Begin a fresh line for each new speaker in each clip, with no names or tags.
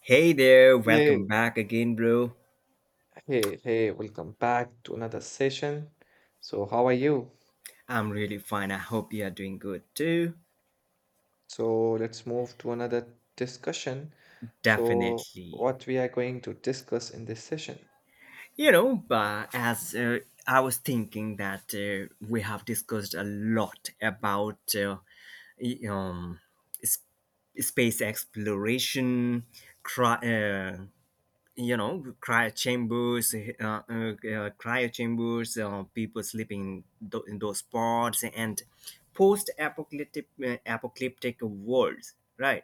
Hey there, welcome
Hey,
back again, bro.
hey, hey, welcome back to another session. So, how are you?
I'm really fine. I hope you are doing good too.
So, let's move to another discussion. So,
Definitely.
what we are going to discuss in this session?
But as I was thinking that we have discussed a lot about y- um, s- space exploration, cri- uh, cryo chambers, people sleeping in, in those pods, and post apocalyptic worlds, right.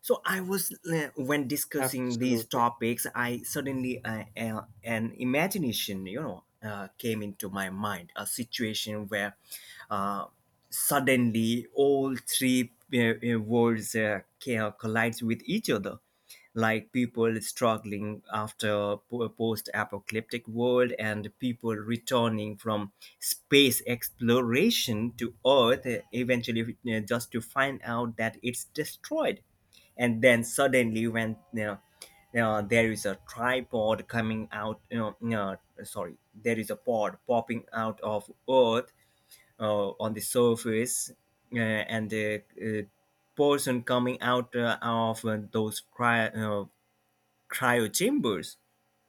So I was when discussing these
Absolutely.
topics I suddenly an imagination, came into my mind, a situation where uh, suddenly all three worlds collides with each other, like people struggling after post-apocalyptic world, and people returning from space exploration to earth, eventually, just to find out that it's destroyed. And then suddenly, when you know there is a tripod coming out. No, sorry, there is a pod popping out of earth on the surface, and the person coming out of those cryo chambers.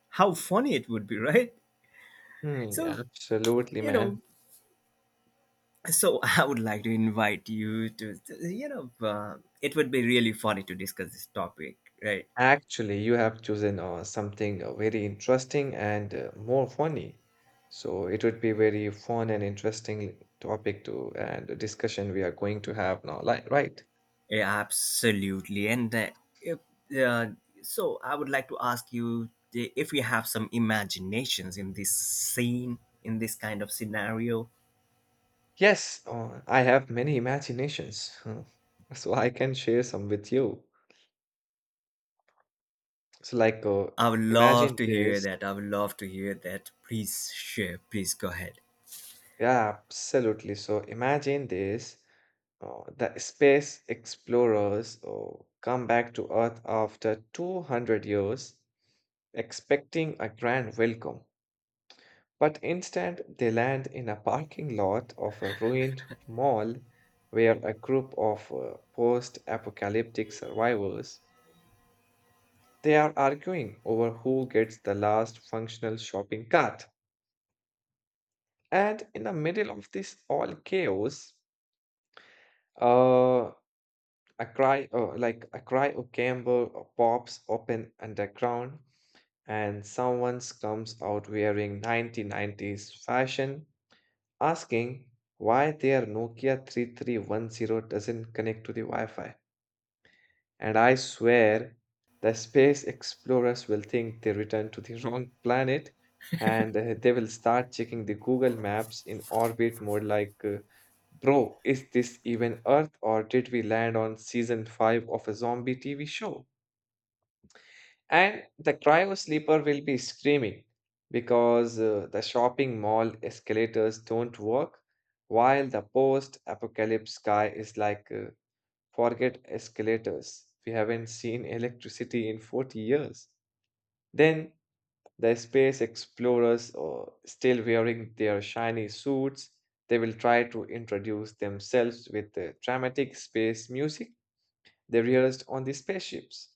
How funny it would be, right?
Hmm,
So,
yeah, absolutely,
you
man.
know, I would like to invite you to, it would be really funny to discuss this topic, right?
Actually, you have chosen something very interesting and more funny. So, it would be very fun and interesting topic to and discussion we are going to have now, like, right?
Yeah, absolutely. And if, uh, so I would like to ask you if you have some imaginations in this scene, in this kind of scenario.
Yes, I have many imaginations, so I can share some with you. So, like,
I would love
imagine
to hear
this.
that. I would love to hear that. Please share. Please go ahead.
Yeah, absolutely. So, imagine this. The space explorers come back to Earth after 200 years, expecting a grand welcome. But instead, they land in a parking lot of a ruined mall where a group of post-apocalyptic survivors. They are arguing over who gets the last functional shopping cart. And in the middle of this all chaos, uh, like a cry or gamble or pops open underground, and someone comes out wearing 1990s fashion, asking why their Nokia 3310 doesn't connect to the Wi Fi. And I swear the space explorers will think they returned to the wrong planet, and they will start checking the Google Maps in orbit mode like, bro, is this even Earth or did we land on season 5 of a zombie TV show? And the cryo sleeper will be screaming because the shopping mall escalators don't work, while the post apocalypse sky is like, forget escalators. We haven't seen electricity in 40 years. Then the space explorers are still wearing their shiny suits. They will try to introduce themselves with the dramatic space music they rehearsed on the spaceships.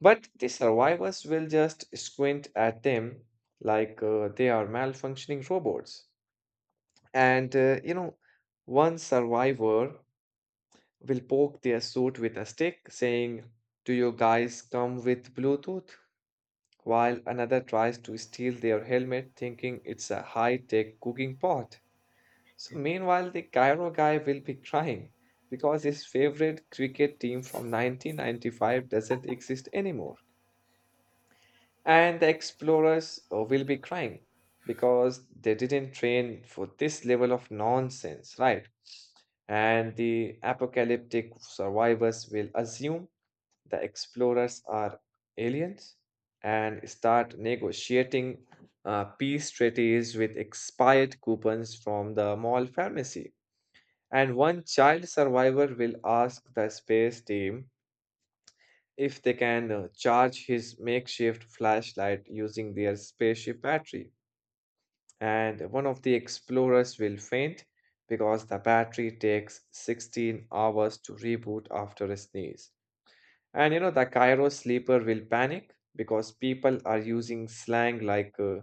But the survivors will just squint at them like they are malfunctioning robots. And one survivor will poke their suit with a stick, saying, do you guys come with Bluetooth? While another tries to steal their helmet, thinking it's a high tech cooking pot. So, meanwhile, the Cairo guy will be crying because his favorite cricket team from 1995 doesn't exist anymore. And the explorers will be crying because they didn't train for this level of nonsense, right? And the apocalyptic survivors will assume the explorers are aliens and start negotiating peace treaties with expired coupons from the mall pharmacy. And one child survivor will ask the space team if they can charge his makeshift flashlight using their spaceship battery. And one of the explorers will faint because the battery takes 16 hours to reboot after a sneeze. And the Cairo sleeper will panic because people are using slang like,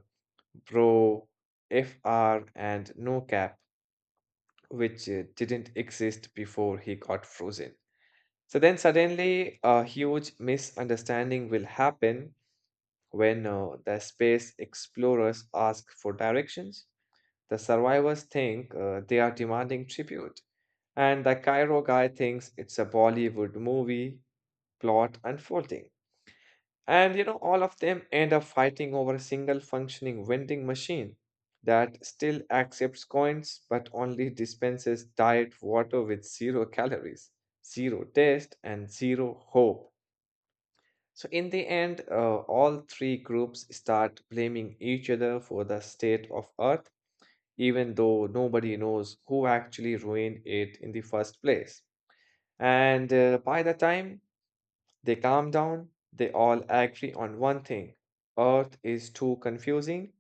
bro, FR, and no cap, which didn't exist before he got frozen. So then suddenly a huge misunderstanding will happen when the space explorers ask for directions. The survivors think they are demanding tribute, and the Cairo guy thinks it's a Bollywood movie plot unfolding. And all of them end up fighting over a single functioning vending machine that still accepts coins but only dispenses diet water with zero calories, zero taste, and zero hope. So, in the end, all three groups start blaming each other for the state of Earth, even though nobody knows who actually ruined it in the first place. And by the time they calm down, they all agree on one thing: Earth is too confusing,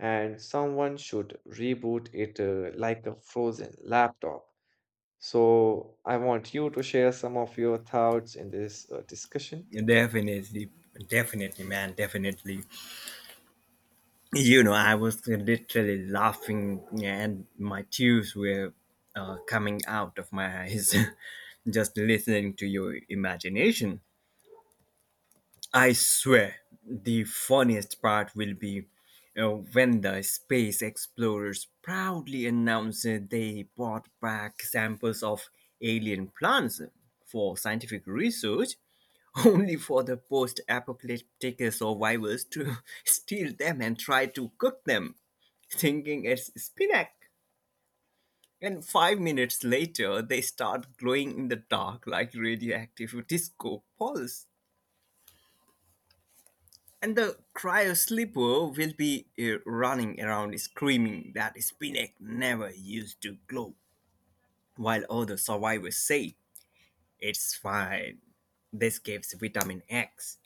and someone should reboot it, like a frozen laptop. So, I want you to share some of your thoughts in this discussion.
Definitely. Definitely, man. Definitely. I was literally laughing, yeah, and my tears were coming out of my eyes just listening to your imagination. I swear, the funniest part will be uh, when the space explorers proudly announced that they brought back samples of alien plants for scientific research only for the post apocalyptic survivors to steal them and try to cook them, thinking it's spinach. And 5 minutes later, they start glowing in the dark like radioactive disco balls. And the cryo sleeper will be running around screaming that spinach never used to glow, while all the survivors say, "It's fine, this gives vitamin X,"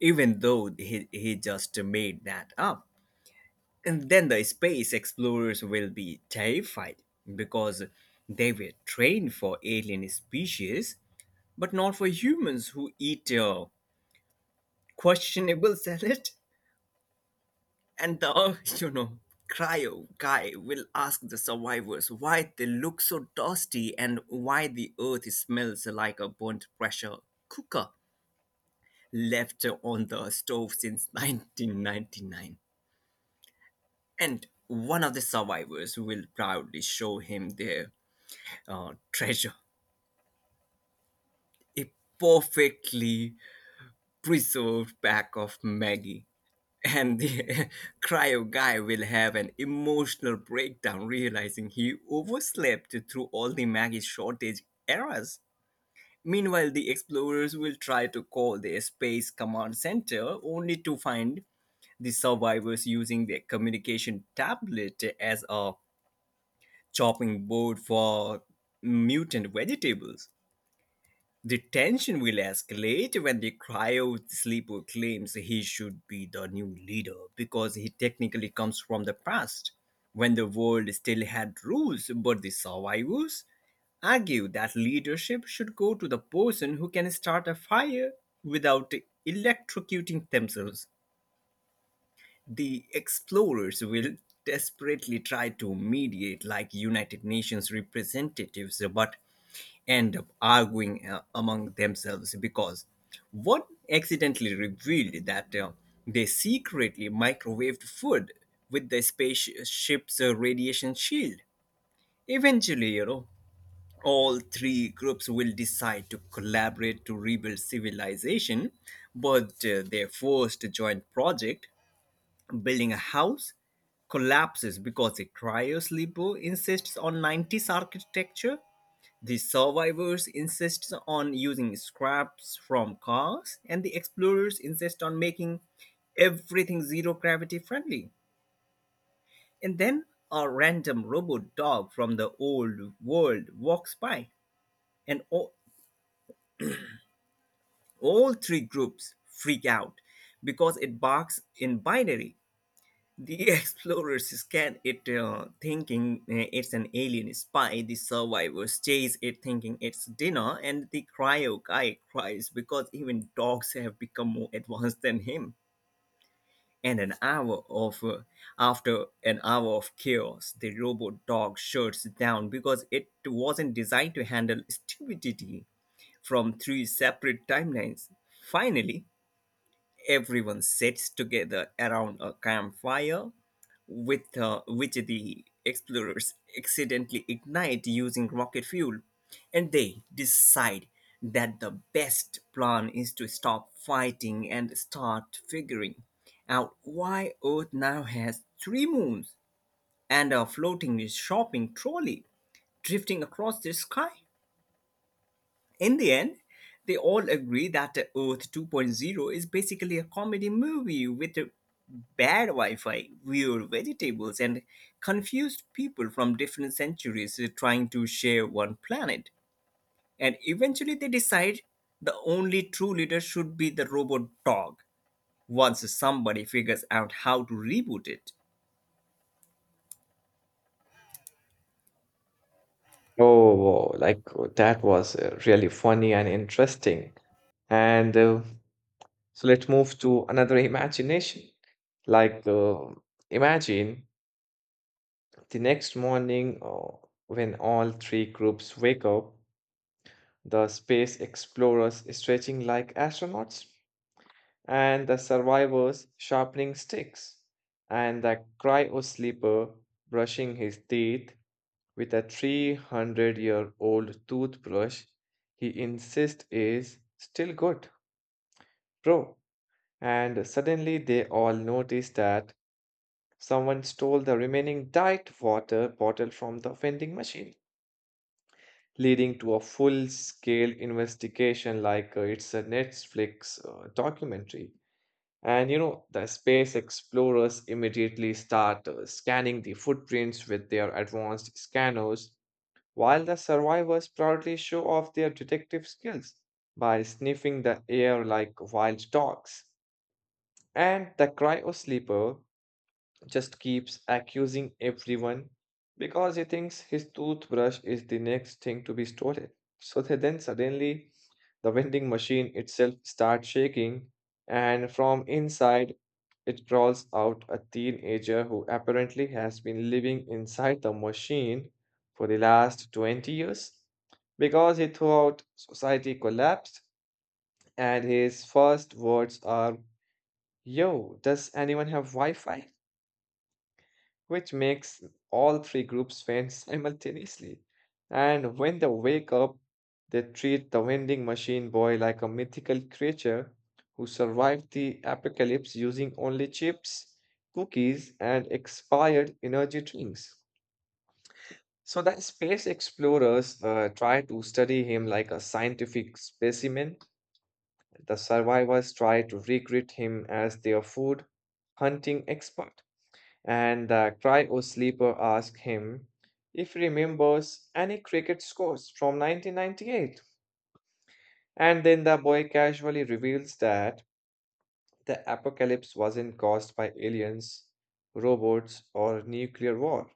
even though he just made that up. And then the space explorers will be terrified because they were trained for alien species, but not for humans who eat questionable salad. And the, cryo guy will ask the survivors why they look so dusty and why the earth smells like a burnt pressure cooker left on the stove since 1999. And one of the survivors will proudly show him their treasure, a perfectly preserved pack of Maggie. And the cryo guy will have an emotional breakdown realizing he overslept through all the Maggie shortage eras. Meanwhile, the explorers will try to call the Space Command Center only to find the survivors using their communication tablet as a chopping board for mutant vegetables. The tension will escalate when the cryo sleeper claims he should be the new leader because he technically comes from the past, when the world still had rules, but the survivors argue that leadership should go to the person who can start a fire without electrocuting themselves. The explorers will desperately try to mediate like United Nations representatives, but end up arguing among themselves because one accidentally revealed that they secretly microwaved food with the spaceship's radiation shield. Eventually, all three groups will decide to collaborate to rebuild civilization, but their first joint project, building a house, collapses because a cryo sleeper insists on 90s architecture, the survivors insist on using scraps from cars, and the explorers insist on making everything zero gravity friendly. And then a random robot dog from the old world walks by, and all three groups freak out because it barks in binary. The explorers scan it thinking it's an alien spy. The survivors chase it thinking it's dinner, and the cryo guy cries because even dogs have become more advanced than him. And an hour of after an hour of chaos, the robot dog shuts down because it wasn't designed to handle stupidity from three separate timelines. Finally, everyone sits together around a campfire with which the explorers accidentally ignite using rocket fuel, and they decide that the best plan is to stop fighting and start figuring out why Earth now has three moons and a floating shopping trolley drifting across the sky. In the end, they all agree that Earth 2.0 is basically a comedy movie with bad Wi Fi, weird vegetables, and confused people from different centuries trying to share one planet. And eventually, they decide the only true leader should be the robot dog once somebody figures out how to reboot it.
Oh, wow, like, that was really funny and interesting. And so let's move to another imagination. Like, imagine the next morning, when all three groups wake up, the space explorers stretching like astronauts, and the survivors sharpening sticks, and the cryo sleeper brushing his teeth with a 300-year-old toothbrush he insists is still good, bro. And suddenly they all notice that someone stole the remaining diet water bottle from the vending machine, leading to a full scale investigation like, it's a Netflix documentary. And the space explorers immediately start scanning the footprints with their advanced scanners, while the survivors proudly show off their detective skills by sniffing the air like wild dogs. And the cryosleeper just keeps accusing everyone because he thinks his toothbrush is the next thing to be stolen. So that then suddenly the vending machine itself starts shaking, and from inside it crawls out a teenager who apparently has been living inside the machine for the last 20 years because he thought society collapsed, and his first words are, yo, does anyone have Wi Fi? Which makes all three groups faint simultaneously. And when they wake up, they treat the vending machine boy like a mythical creature who survived the apocalypse using only chips, cookies, and expired energy drinks. So the space explorers try to study him like a scientific specimen. The survivors try to recruit him as their food hunting expert, and the cryo sleeper asked him if he remembers any cricket scores from 1998. And then the boy casually reveals that the apocalypse wasn't caused by aliens, robots, or nuclear war,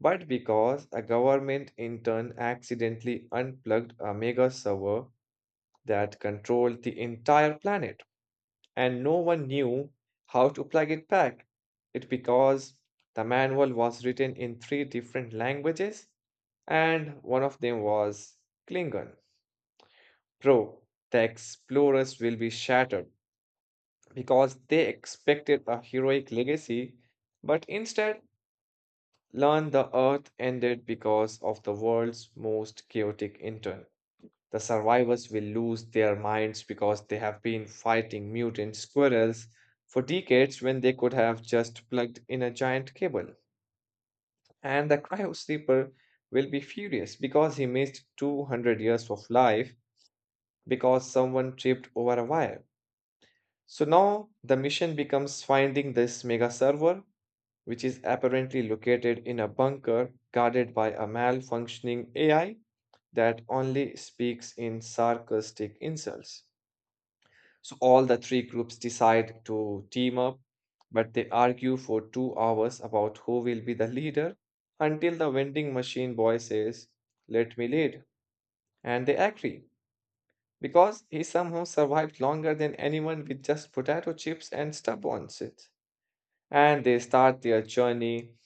but because a government intern accidentally unplugged a mega server that controlled the entire planet, and no one knew how to plug it back. It because the manual was written in three different languages, and one of them was Klingon. Bro, the explorers will be shattered because they expected a heroic legacy, but instead learned the Earth ended because of the world's most chaotic internet. The survivors will lose their minds because they have been fighting mutant squirrels for decades when they could have just plugged in a giant cable. And the cryo sleeper will be furious because he missed 200 years of life because someone tripped over a wire. So now the mission becomes finding this mega server, which is apparently located in a bunker guarded by a malfunctioning AI that only speaks in sarcastic insults. So all the three groups decide to team up, but they argue for 2 hours about who will be the leader, until the vending machine boy says, let me lead. And they agree because he somehow survived longer than anyone with just potato chips and stuff on it. And they start their journey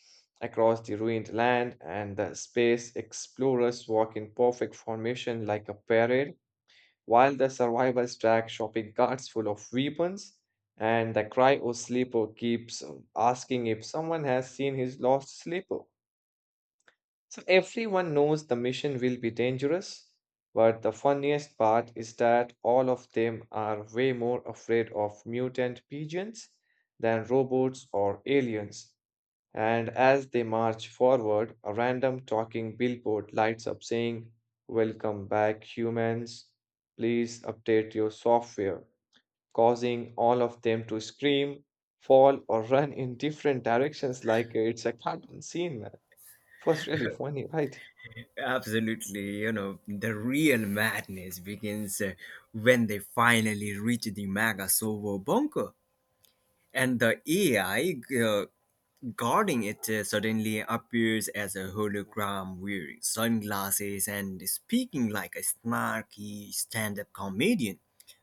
across the ruined land, and the space explorers walk in perfect formation like a parade, while the survivors track shopping carts full of weapons, and the cryo sleeper keeps asking if someone has seen his lost sleeper. So everyone knows the mission will be dangerous, but the funniest part is that all of them are way more afraid of mutant pigeons than robots or aliens. And as they march forward, a random talking billboard lights up saying, welcome back, humans. Please update your software, causing all of them to scream, fall, or run in different directions like it's a cartoon scene, man. It was really funny, right?
Absolutely, the real madness begins when they finally reach the Mega Sovo bunker, and the AI guarding it suddenly appears as a hologram wearing sunglasses and speaking like a snarky stand up comedian,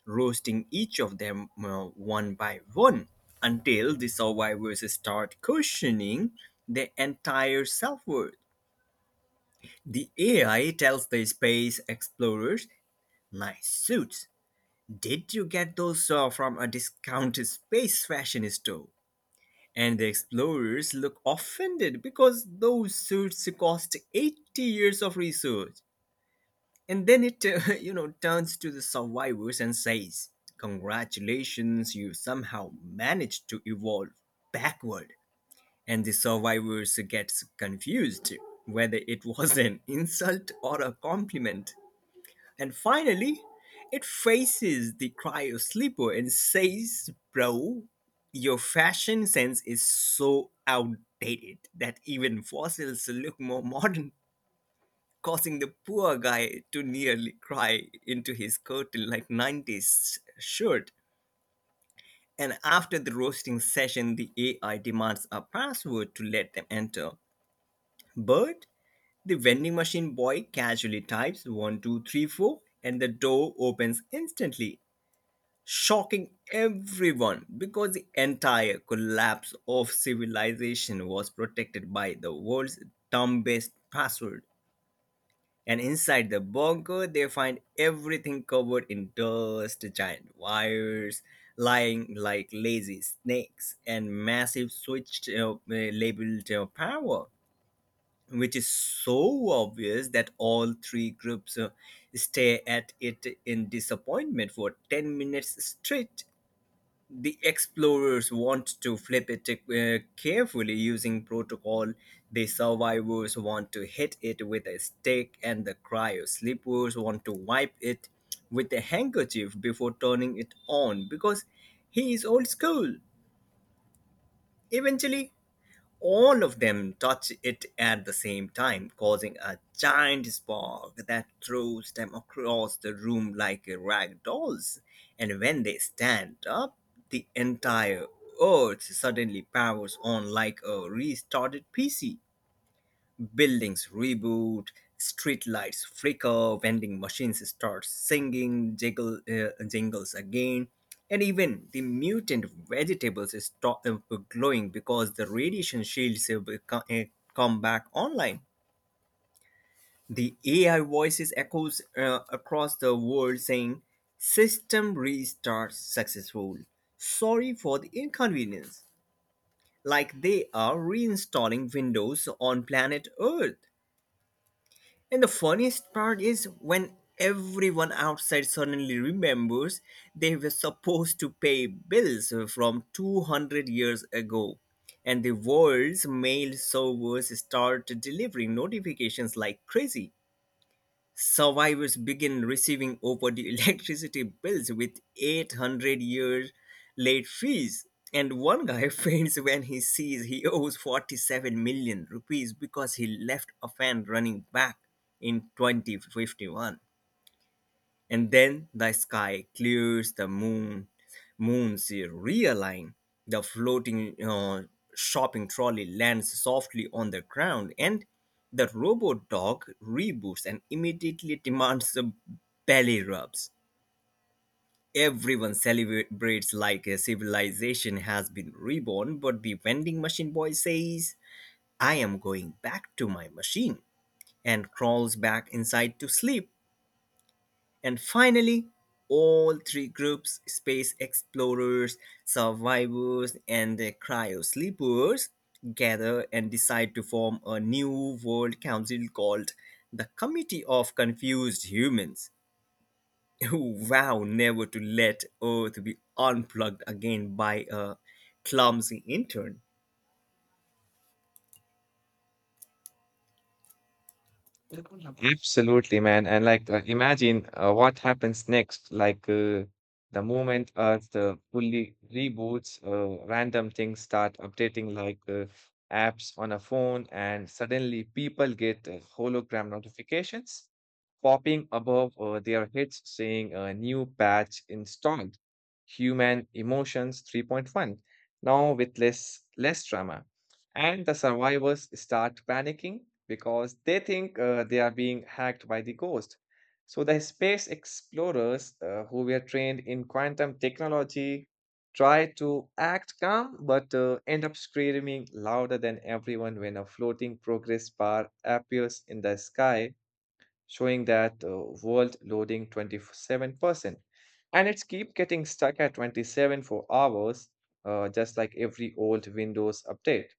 roasting each of them one by one until the survivors start questioning their entire self worth. The AI tells the space explorers, "Nice suits. Did you get those from a discount space fashion store?" And the explorers look offended because those suits cost 80 years of research. And then it, turns to the survivors and says, "Congratulations, you somehow managed to evolve backward." And the survivors gets confused whether it was an insult or a compliment. And finally, it faces the cryo sleeper and says, "Bro, your fashion sense is so outdated that even fossils look more modern," causing the poor guy to nearly cry into his curtain like 90s shirt. And after the roasting session, the AI demands a password to let them enter. But the vending machine boy casually types 1234 and the door opens instantly, shocking everyone because the entire collapse of civilization was protected by the world's dumbest password. And inside the bunker, they find everything covered in dust, giant wires lying like lazy snakes, and massive switch labeled "power", which is so obvious that all three groups stare at it in disappointment for 10 minutes straight. The explorers want to flip it carefully using protocol. The survivors want to hit it with a stick, and the cryo sleepers want to wipe it with a handkerchief before turning it on because he is old school. Eventually, all of them touch it at the same time, causing a giant spark that throws them across the room like rag dolls. And when they stand up, the entire earth suddenly powers on like a restarted PC. Buildings reboot, street lights flicker, vending machines start singing jingles again, and even the mutant vegetables stop glowing because the radiation shields co- uh, come back online. The AI voices echoes across the world saying, "System restart successful. Sorry for the inconvenience." Like they are reinstalling Windows on planet Earth. And the funniest part is when everyone outside suddenly remembers they were supposed to pay bills from 200 years ago. And the world's mail servers start delivering notifications like crazy. Survivors begin receiving overdue electricity bills with 800-year late fees. And one guy faints when he sees he owes 47 million rupees because he left a fan running back in 2051. And then the sky clears, the moons realign, the floating shopping trolley lands softly on the ground, and the robot dog reboots and immediately demands a belly rubs. Everyone celebrates like a civilization has been reborn, but the vending machine boy says, "I am going back to my machine," and crawls back inside to sleep. And finally, all three groups, space explorers, survivors, and the cryo sleepers, gather and decide to form a new world council called the Committee of Confused Humans, who vow never to let Earth be unplugged again by a clumsy intern.
Absolutely, man. And like, imagine what happens next. Like, the moment Earth fully reboots, random things start updating, like, apps on a phone, and suddenly people get hologram notifications popping above their heads saying a new patch installed. Human Emotions 3.1. Now with less drama. And the survivors start panicking because they think they are being hacked by the ghost. So the space explorers, who were trained in quantum technology, try to act calm but end up screaming louder than everyone when a floating progress bar appears in the sky showing that world loading 27%, and it's keep getting stuck at 27 for hours, just like every old windows update.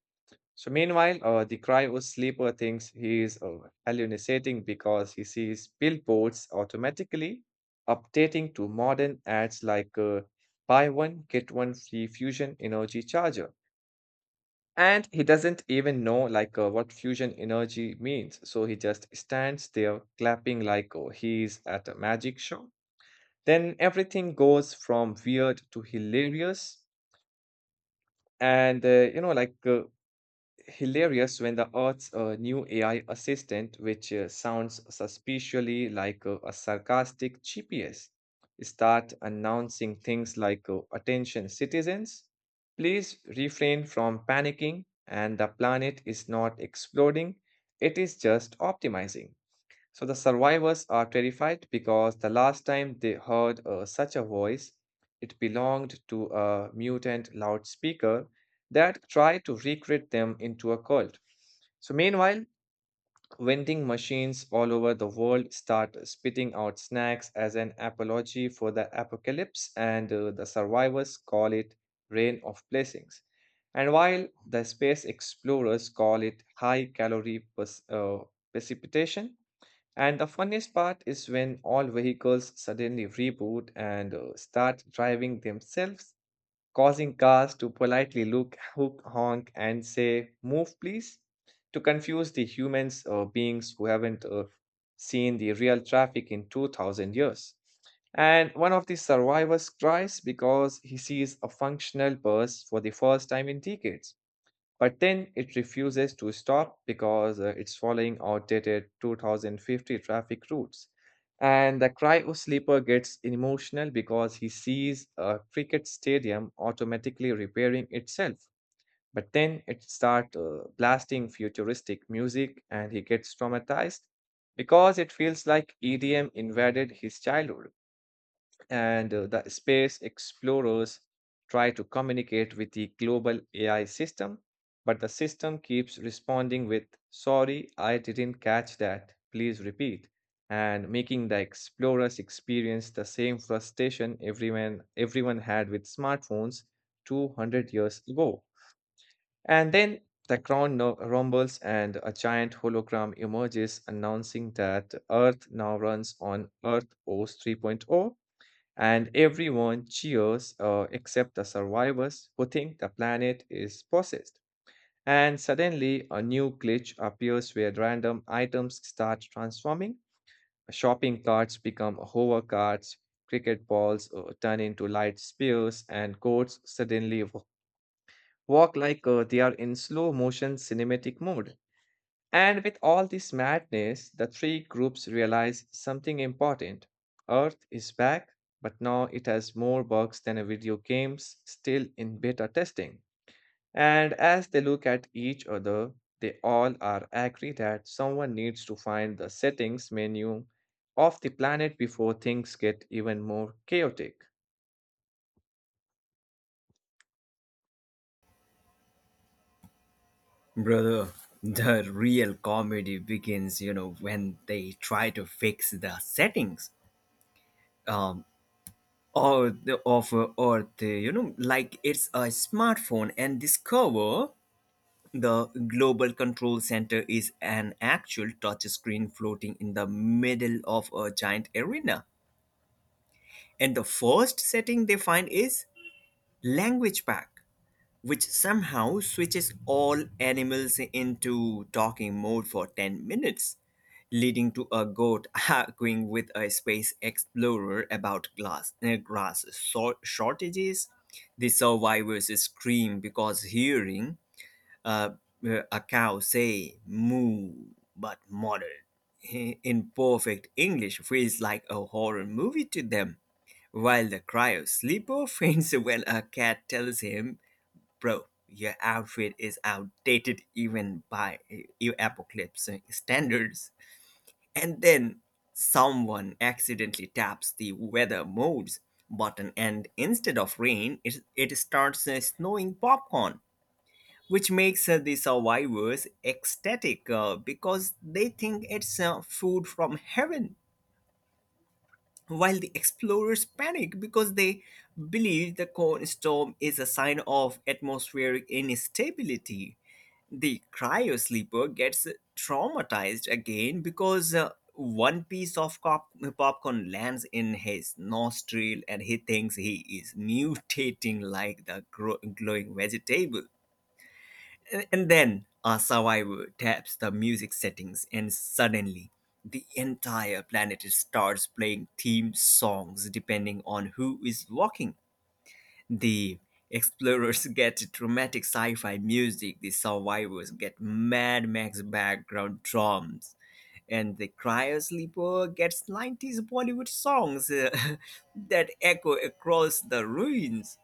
So meanwhile, the cryo sleeper thinks he is hallucinating because he sees billboards automatically updating to modern ads like, buy one get one free fusion energy charger. And he doesn't even know like what fusion energy means, so he just stands there clapping like he at a magic show. Then everything goes from weird to hilarious, and like hilarious when the Earth's new AI assistant, which sounds suspiciously like a sarcastic GPS, start announcing things like, "Attention, citizens! Please refrain from panicking." And the planet is not exploding; it is just optimizing. So the survivors are terrified because the last time they heard such a voice, it belonged to a mutant loudspeaker that tried to recreate them into a cult. So, meanwhile, vending machines all over the world start spitting out snacks as an apology for the apocalypse, and the survivors call it Rain of Blessings. And while the space explorers call it high calorie precipitation, and the funniest part is when all vehicles suddenly reboot and start driving themselves, causing cars to politely look, hook, honk, and say, move, please, to confuse the humans or beings who haven't seen the real traffic in 2000 years. And one of the survivors cries because he sees a functional bus for the first time in decades. But then it refuses to stop because it's following outdated 2050 traffic routes. And the cryo sleeper gets emotional because he sees a cricket stadium automatically repairing itself. But then it starts blasting futuristic music, and he gets traumatized because it feels like EDM invaded his childhood. And the space explorers try to communicate with the global AI system, but the system keeps responding with, sorry, I didn't catch that. Please repeat. And making the explorers experience the same frustration everyone had with smartphones 200 years ago. And then the crown rumbles, and a giant hologram emerges announcing that Earth now runs on Earth OS 3.0, and everyone cheers except the survivors who think the planet is possessed. And suddenly, a new glitch appears where random items start transforming. Shopping carts become hover carts, cricket balls turn into light spears, and goats suddenly walk like they are in slow motion cinematic mode. And with all this madness, the three groups realize something important. Earth is back, but now it has more bugs than a video games still in beta testing. And as they look at each other, they all are agree that someone needs to find the settings menu of the planet before things get even more chaotic.
Brother, the real comedy begins, when they try to fix the settings. Um, or the of or the you know like it's a smartphone and this cover, the global control center, is an actual touch screen floating in the middle of a giant arena, and the first setting they find is "language pack", which somehow switches all animals into talking mode for 10 minutes, leading to a goat arguing with a space explorer about grass shortages. The survivors scream because hearing uh, a cow say moo but muttered in perfect English feels like a horror movie to them, while the cry of sleeper faints when a cat tells him, "Bro, your outfit is outdated even by apocalypse standards." And then someone accidentally taps the weather modes button, and instead of rain, it starts snowing popcorn, which makes the survivors ecstatic because they think it's food from heaven. While the explorers panic because they believe the cold storm is a sign of atmospheric instability, the cryo sleeper gets traumatized again because one piece of popcorn lands in his nostril and he thinks he is mutating like the glowing vegetable. And then a survivor taps the music settings, and suddenly the entire planet starts playing theme songs depending on who is walking. The explorers get dramatic sci fi music, the survivors get Mad Max background drums, and the cryo sleeper gets 90s Bollywood songs that echo across the ruins.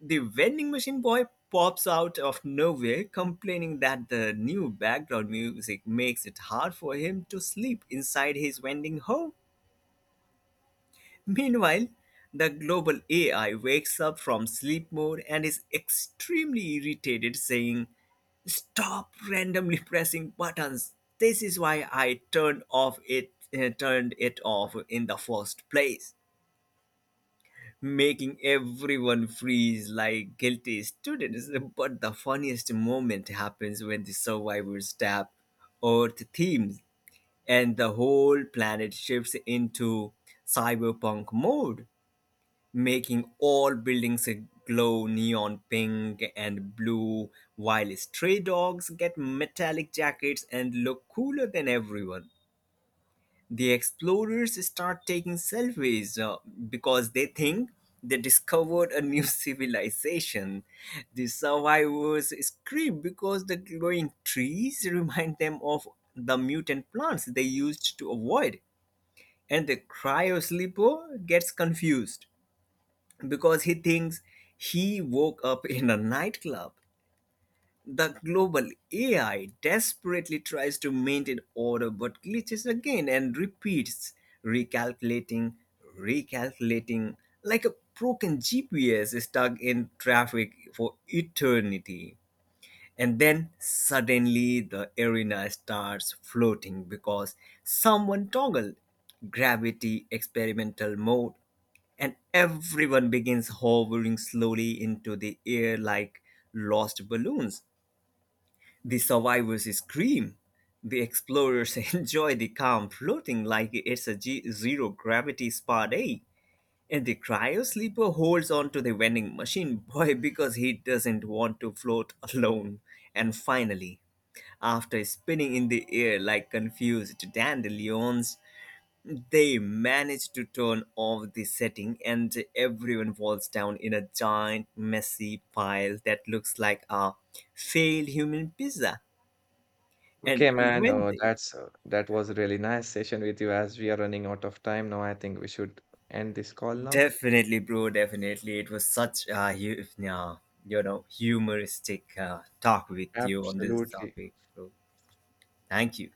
The vending machine boy pops out of nowhere complaining that the new background music makes it hard for him to sleep inside his vending home. Meanwhile, the global AI wakes up from sleep mode and is extremely irritated, saying, "Stop randomly pressing buttons. This is why I turned it off in the first place," making everyone freeze like guilty students. But the funniest moment happens when the survivors tap "Earth themes" and the whole planet shifts into cyberpunk mode, making all buildings glow neon pink and blue, while stray dogs get metallic jackets and look cooler than everyone. The explorers start taking selfies because they think they discovered a new civilization. The survivors scream because the glowing trees remind them of the mutant plants they used to avoid. And the cryo sleeper gets confused because he thinks he woke up in a nightclub. The global AI desperately tries to maintain order but glitches again and repeats, "recalculating, recalculating," like a broken GPS stuck in traffic for eternity. And then suddenly the arena starts floating because someone toggled "gravity experimental mode" and everyone begins hovering slowly into the air like lost balloons. The survivors scream. The explorers enjoy the calm floating like it's a zero gravity spa day. And the cryo sleeper holds on to the vending machine boy because he doesn't want to float alone. And finally, after spinning in the air like confused dandelions, they manage to turn off the setting, and everyone falls down in a giant, messy pile that looks like a failed human pizza.
Okay,
And
man,
when they
that was a really nice session with you. As we are running out of time now, I think we should end this call now.
definitely, bro, definitely, it was such a hu- yeah, you know humoristic talk with you on this
Absolutely.
topic, bro. Thank you.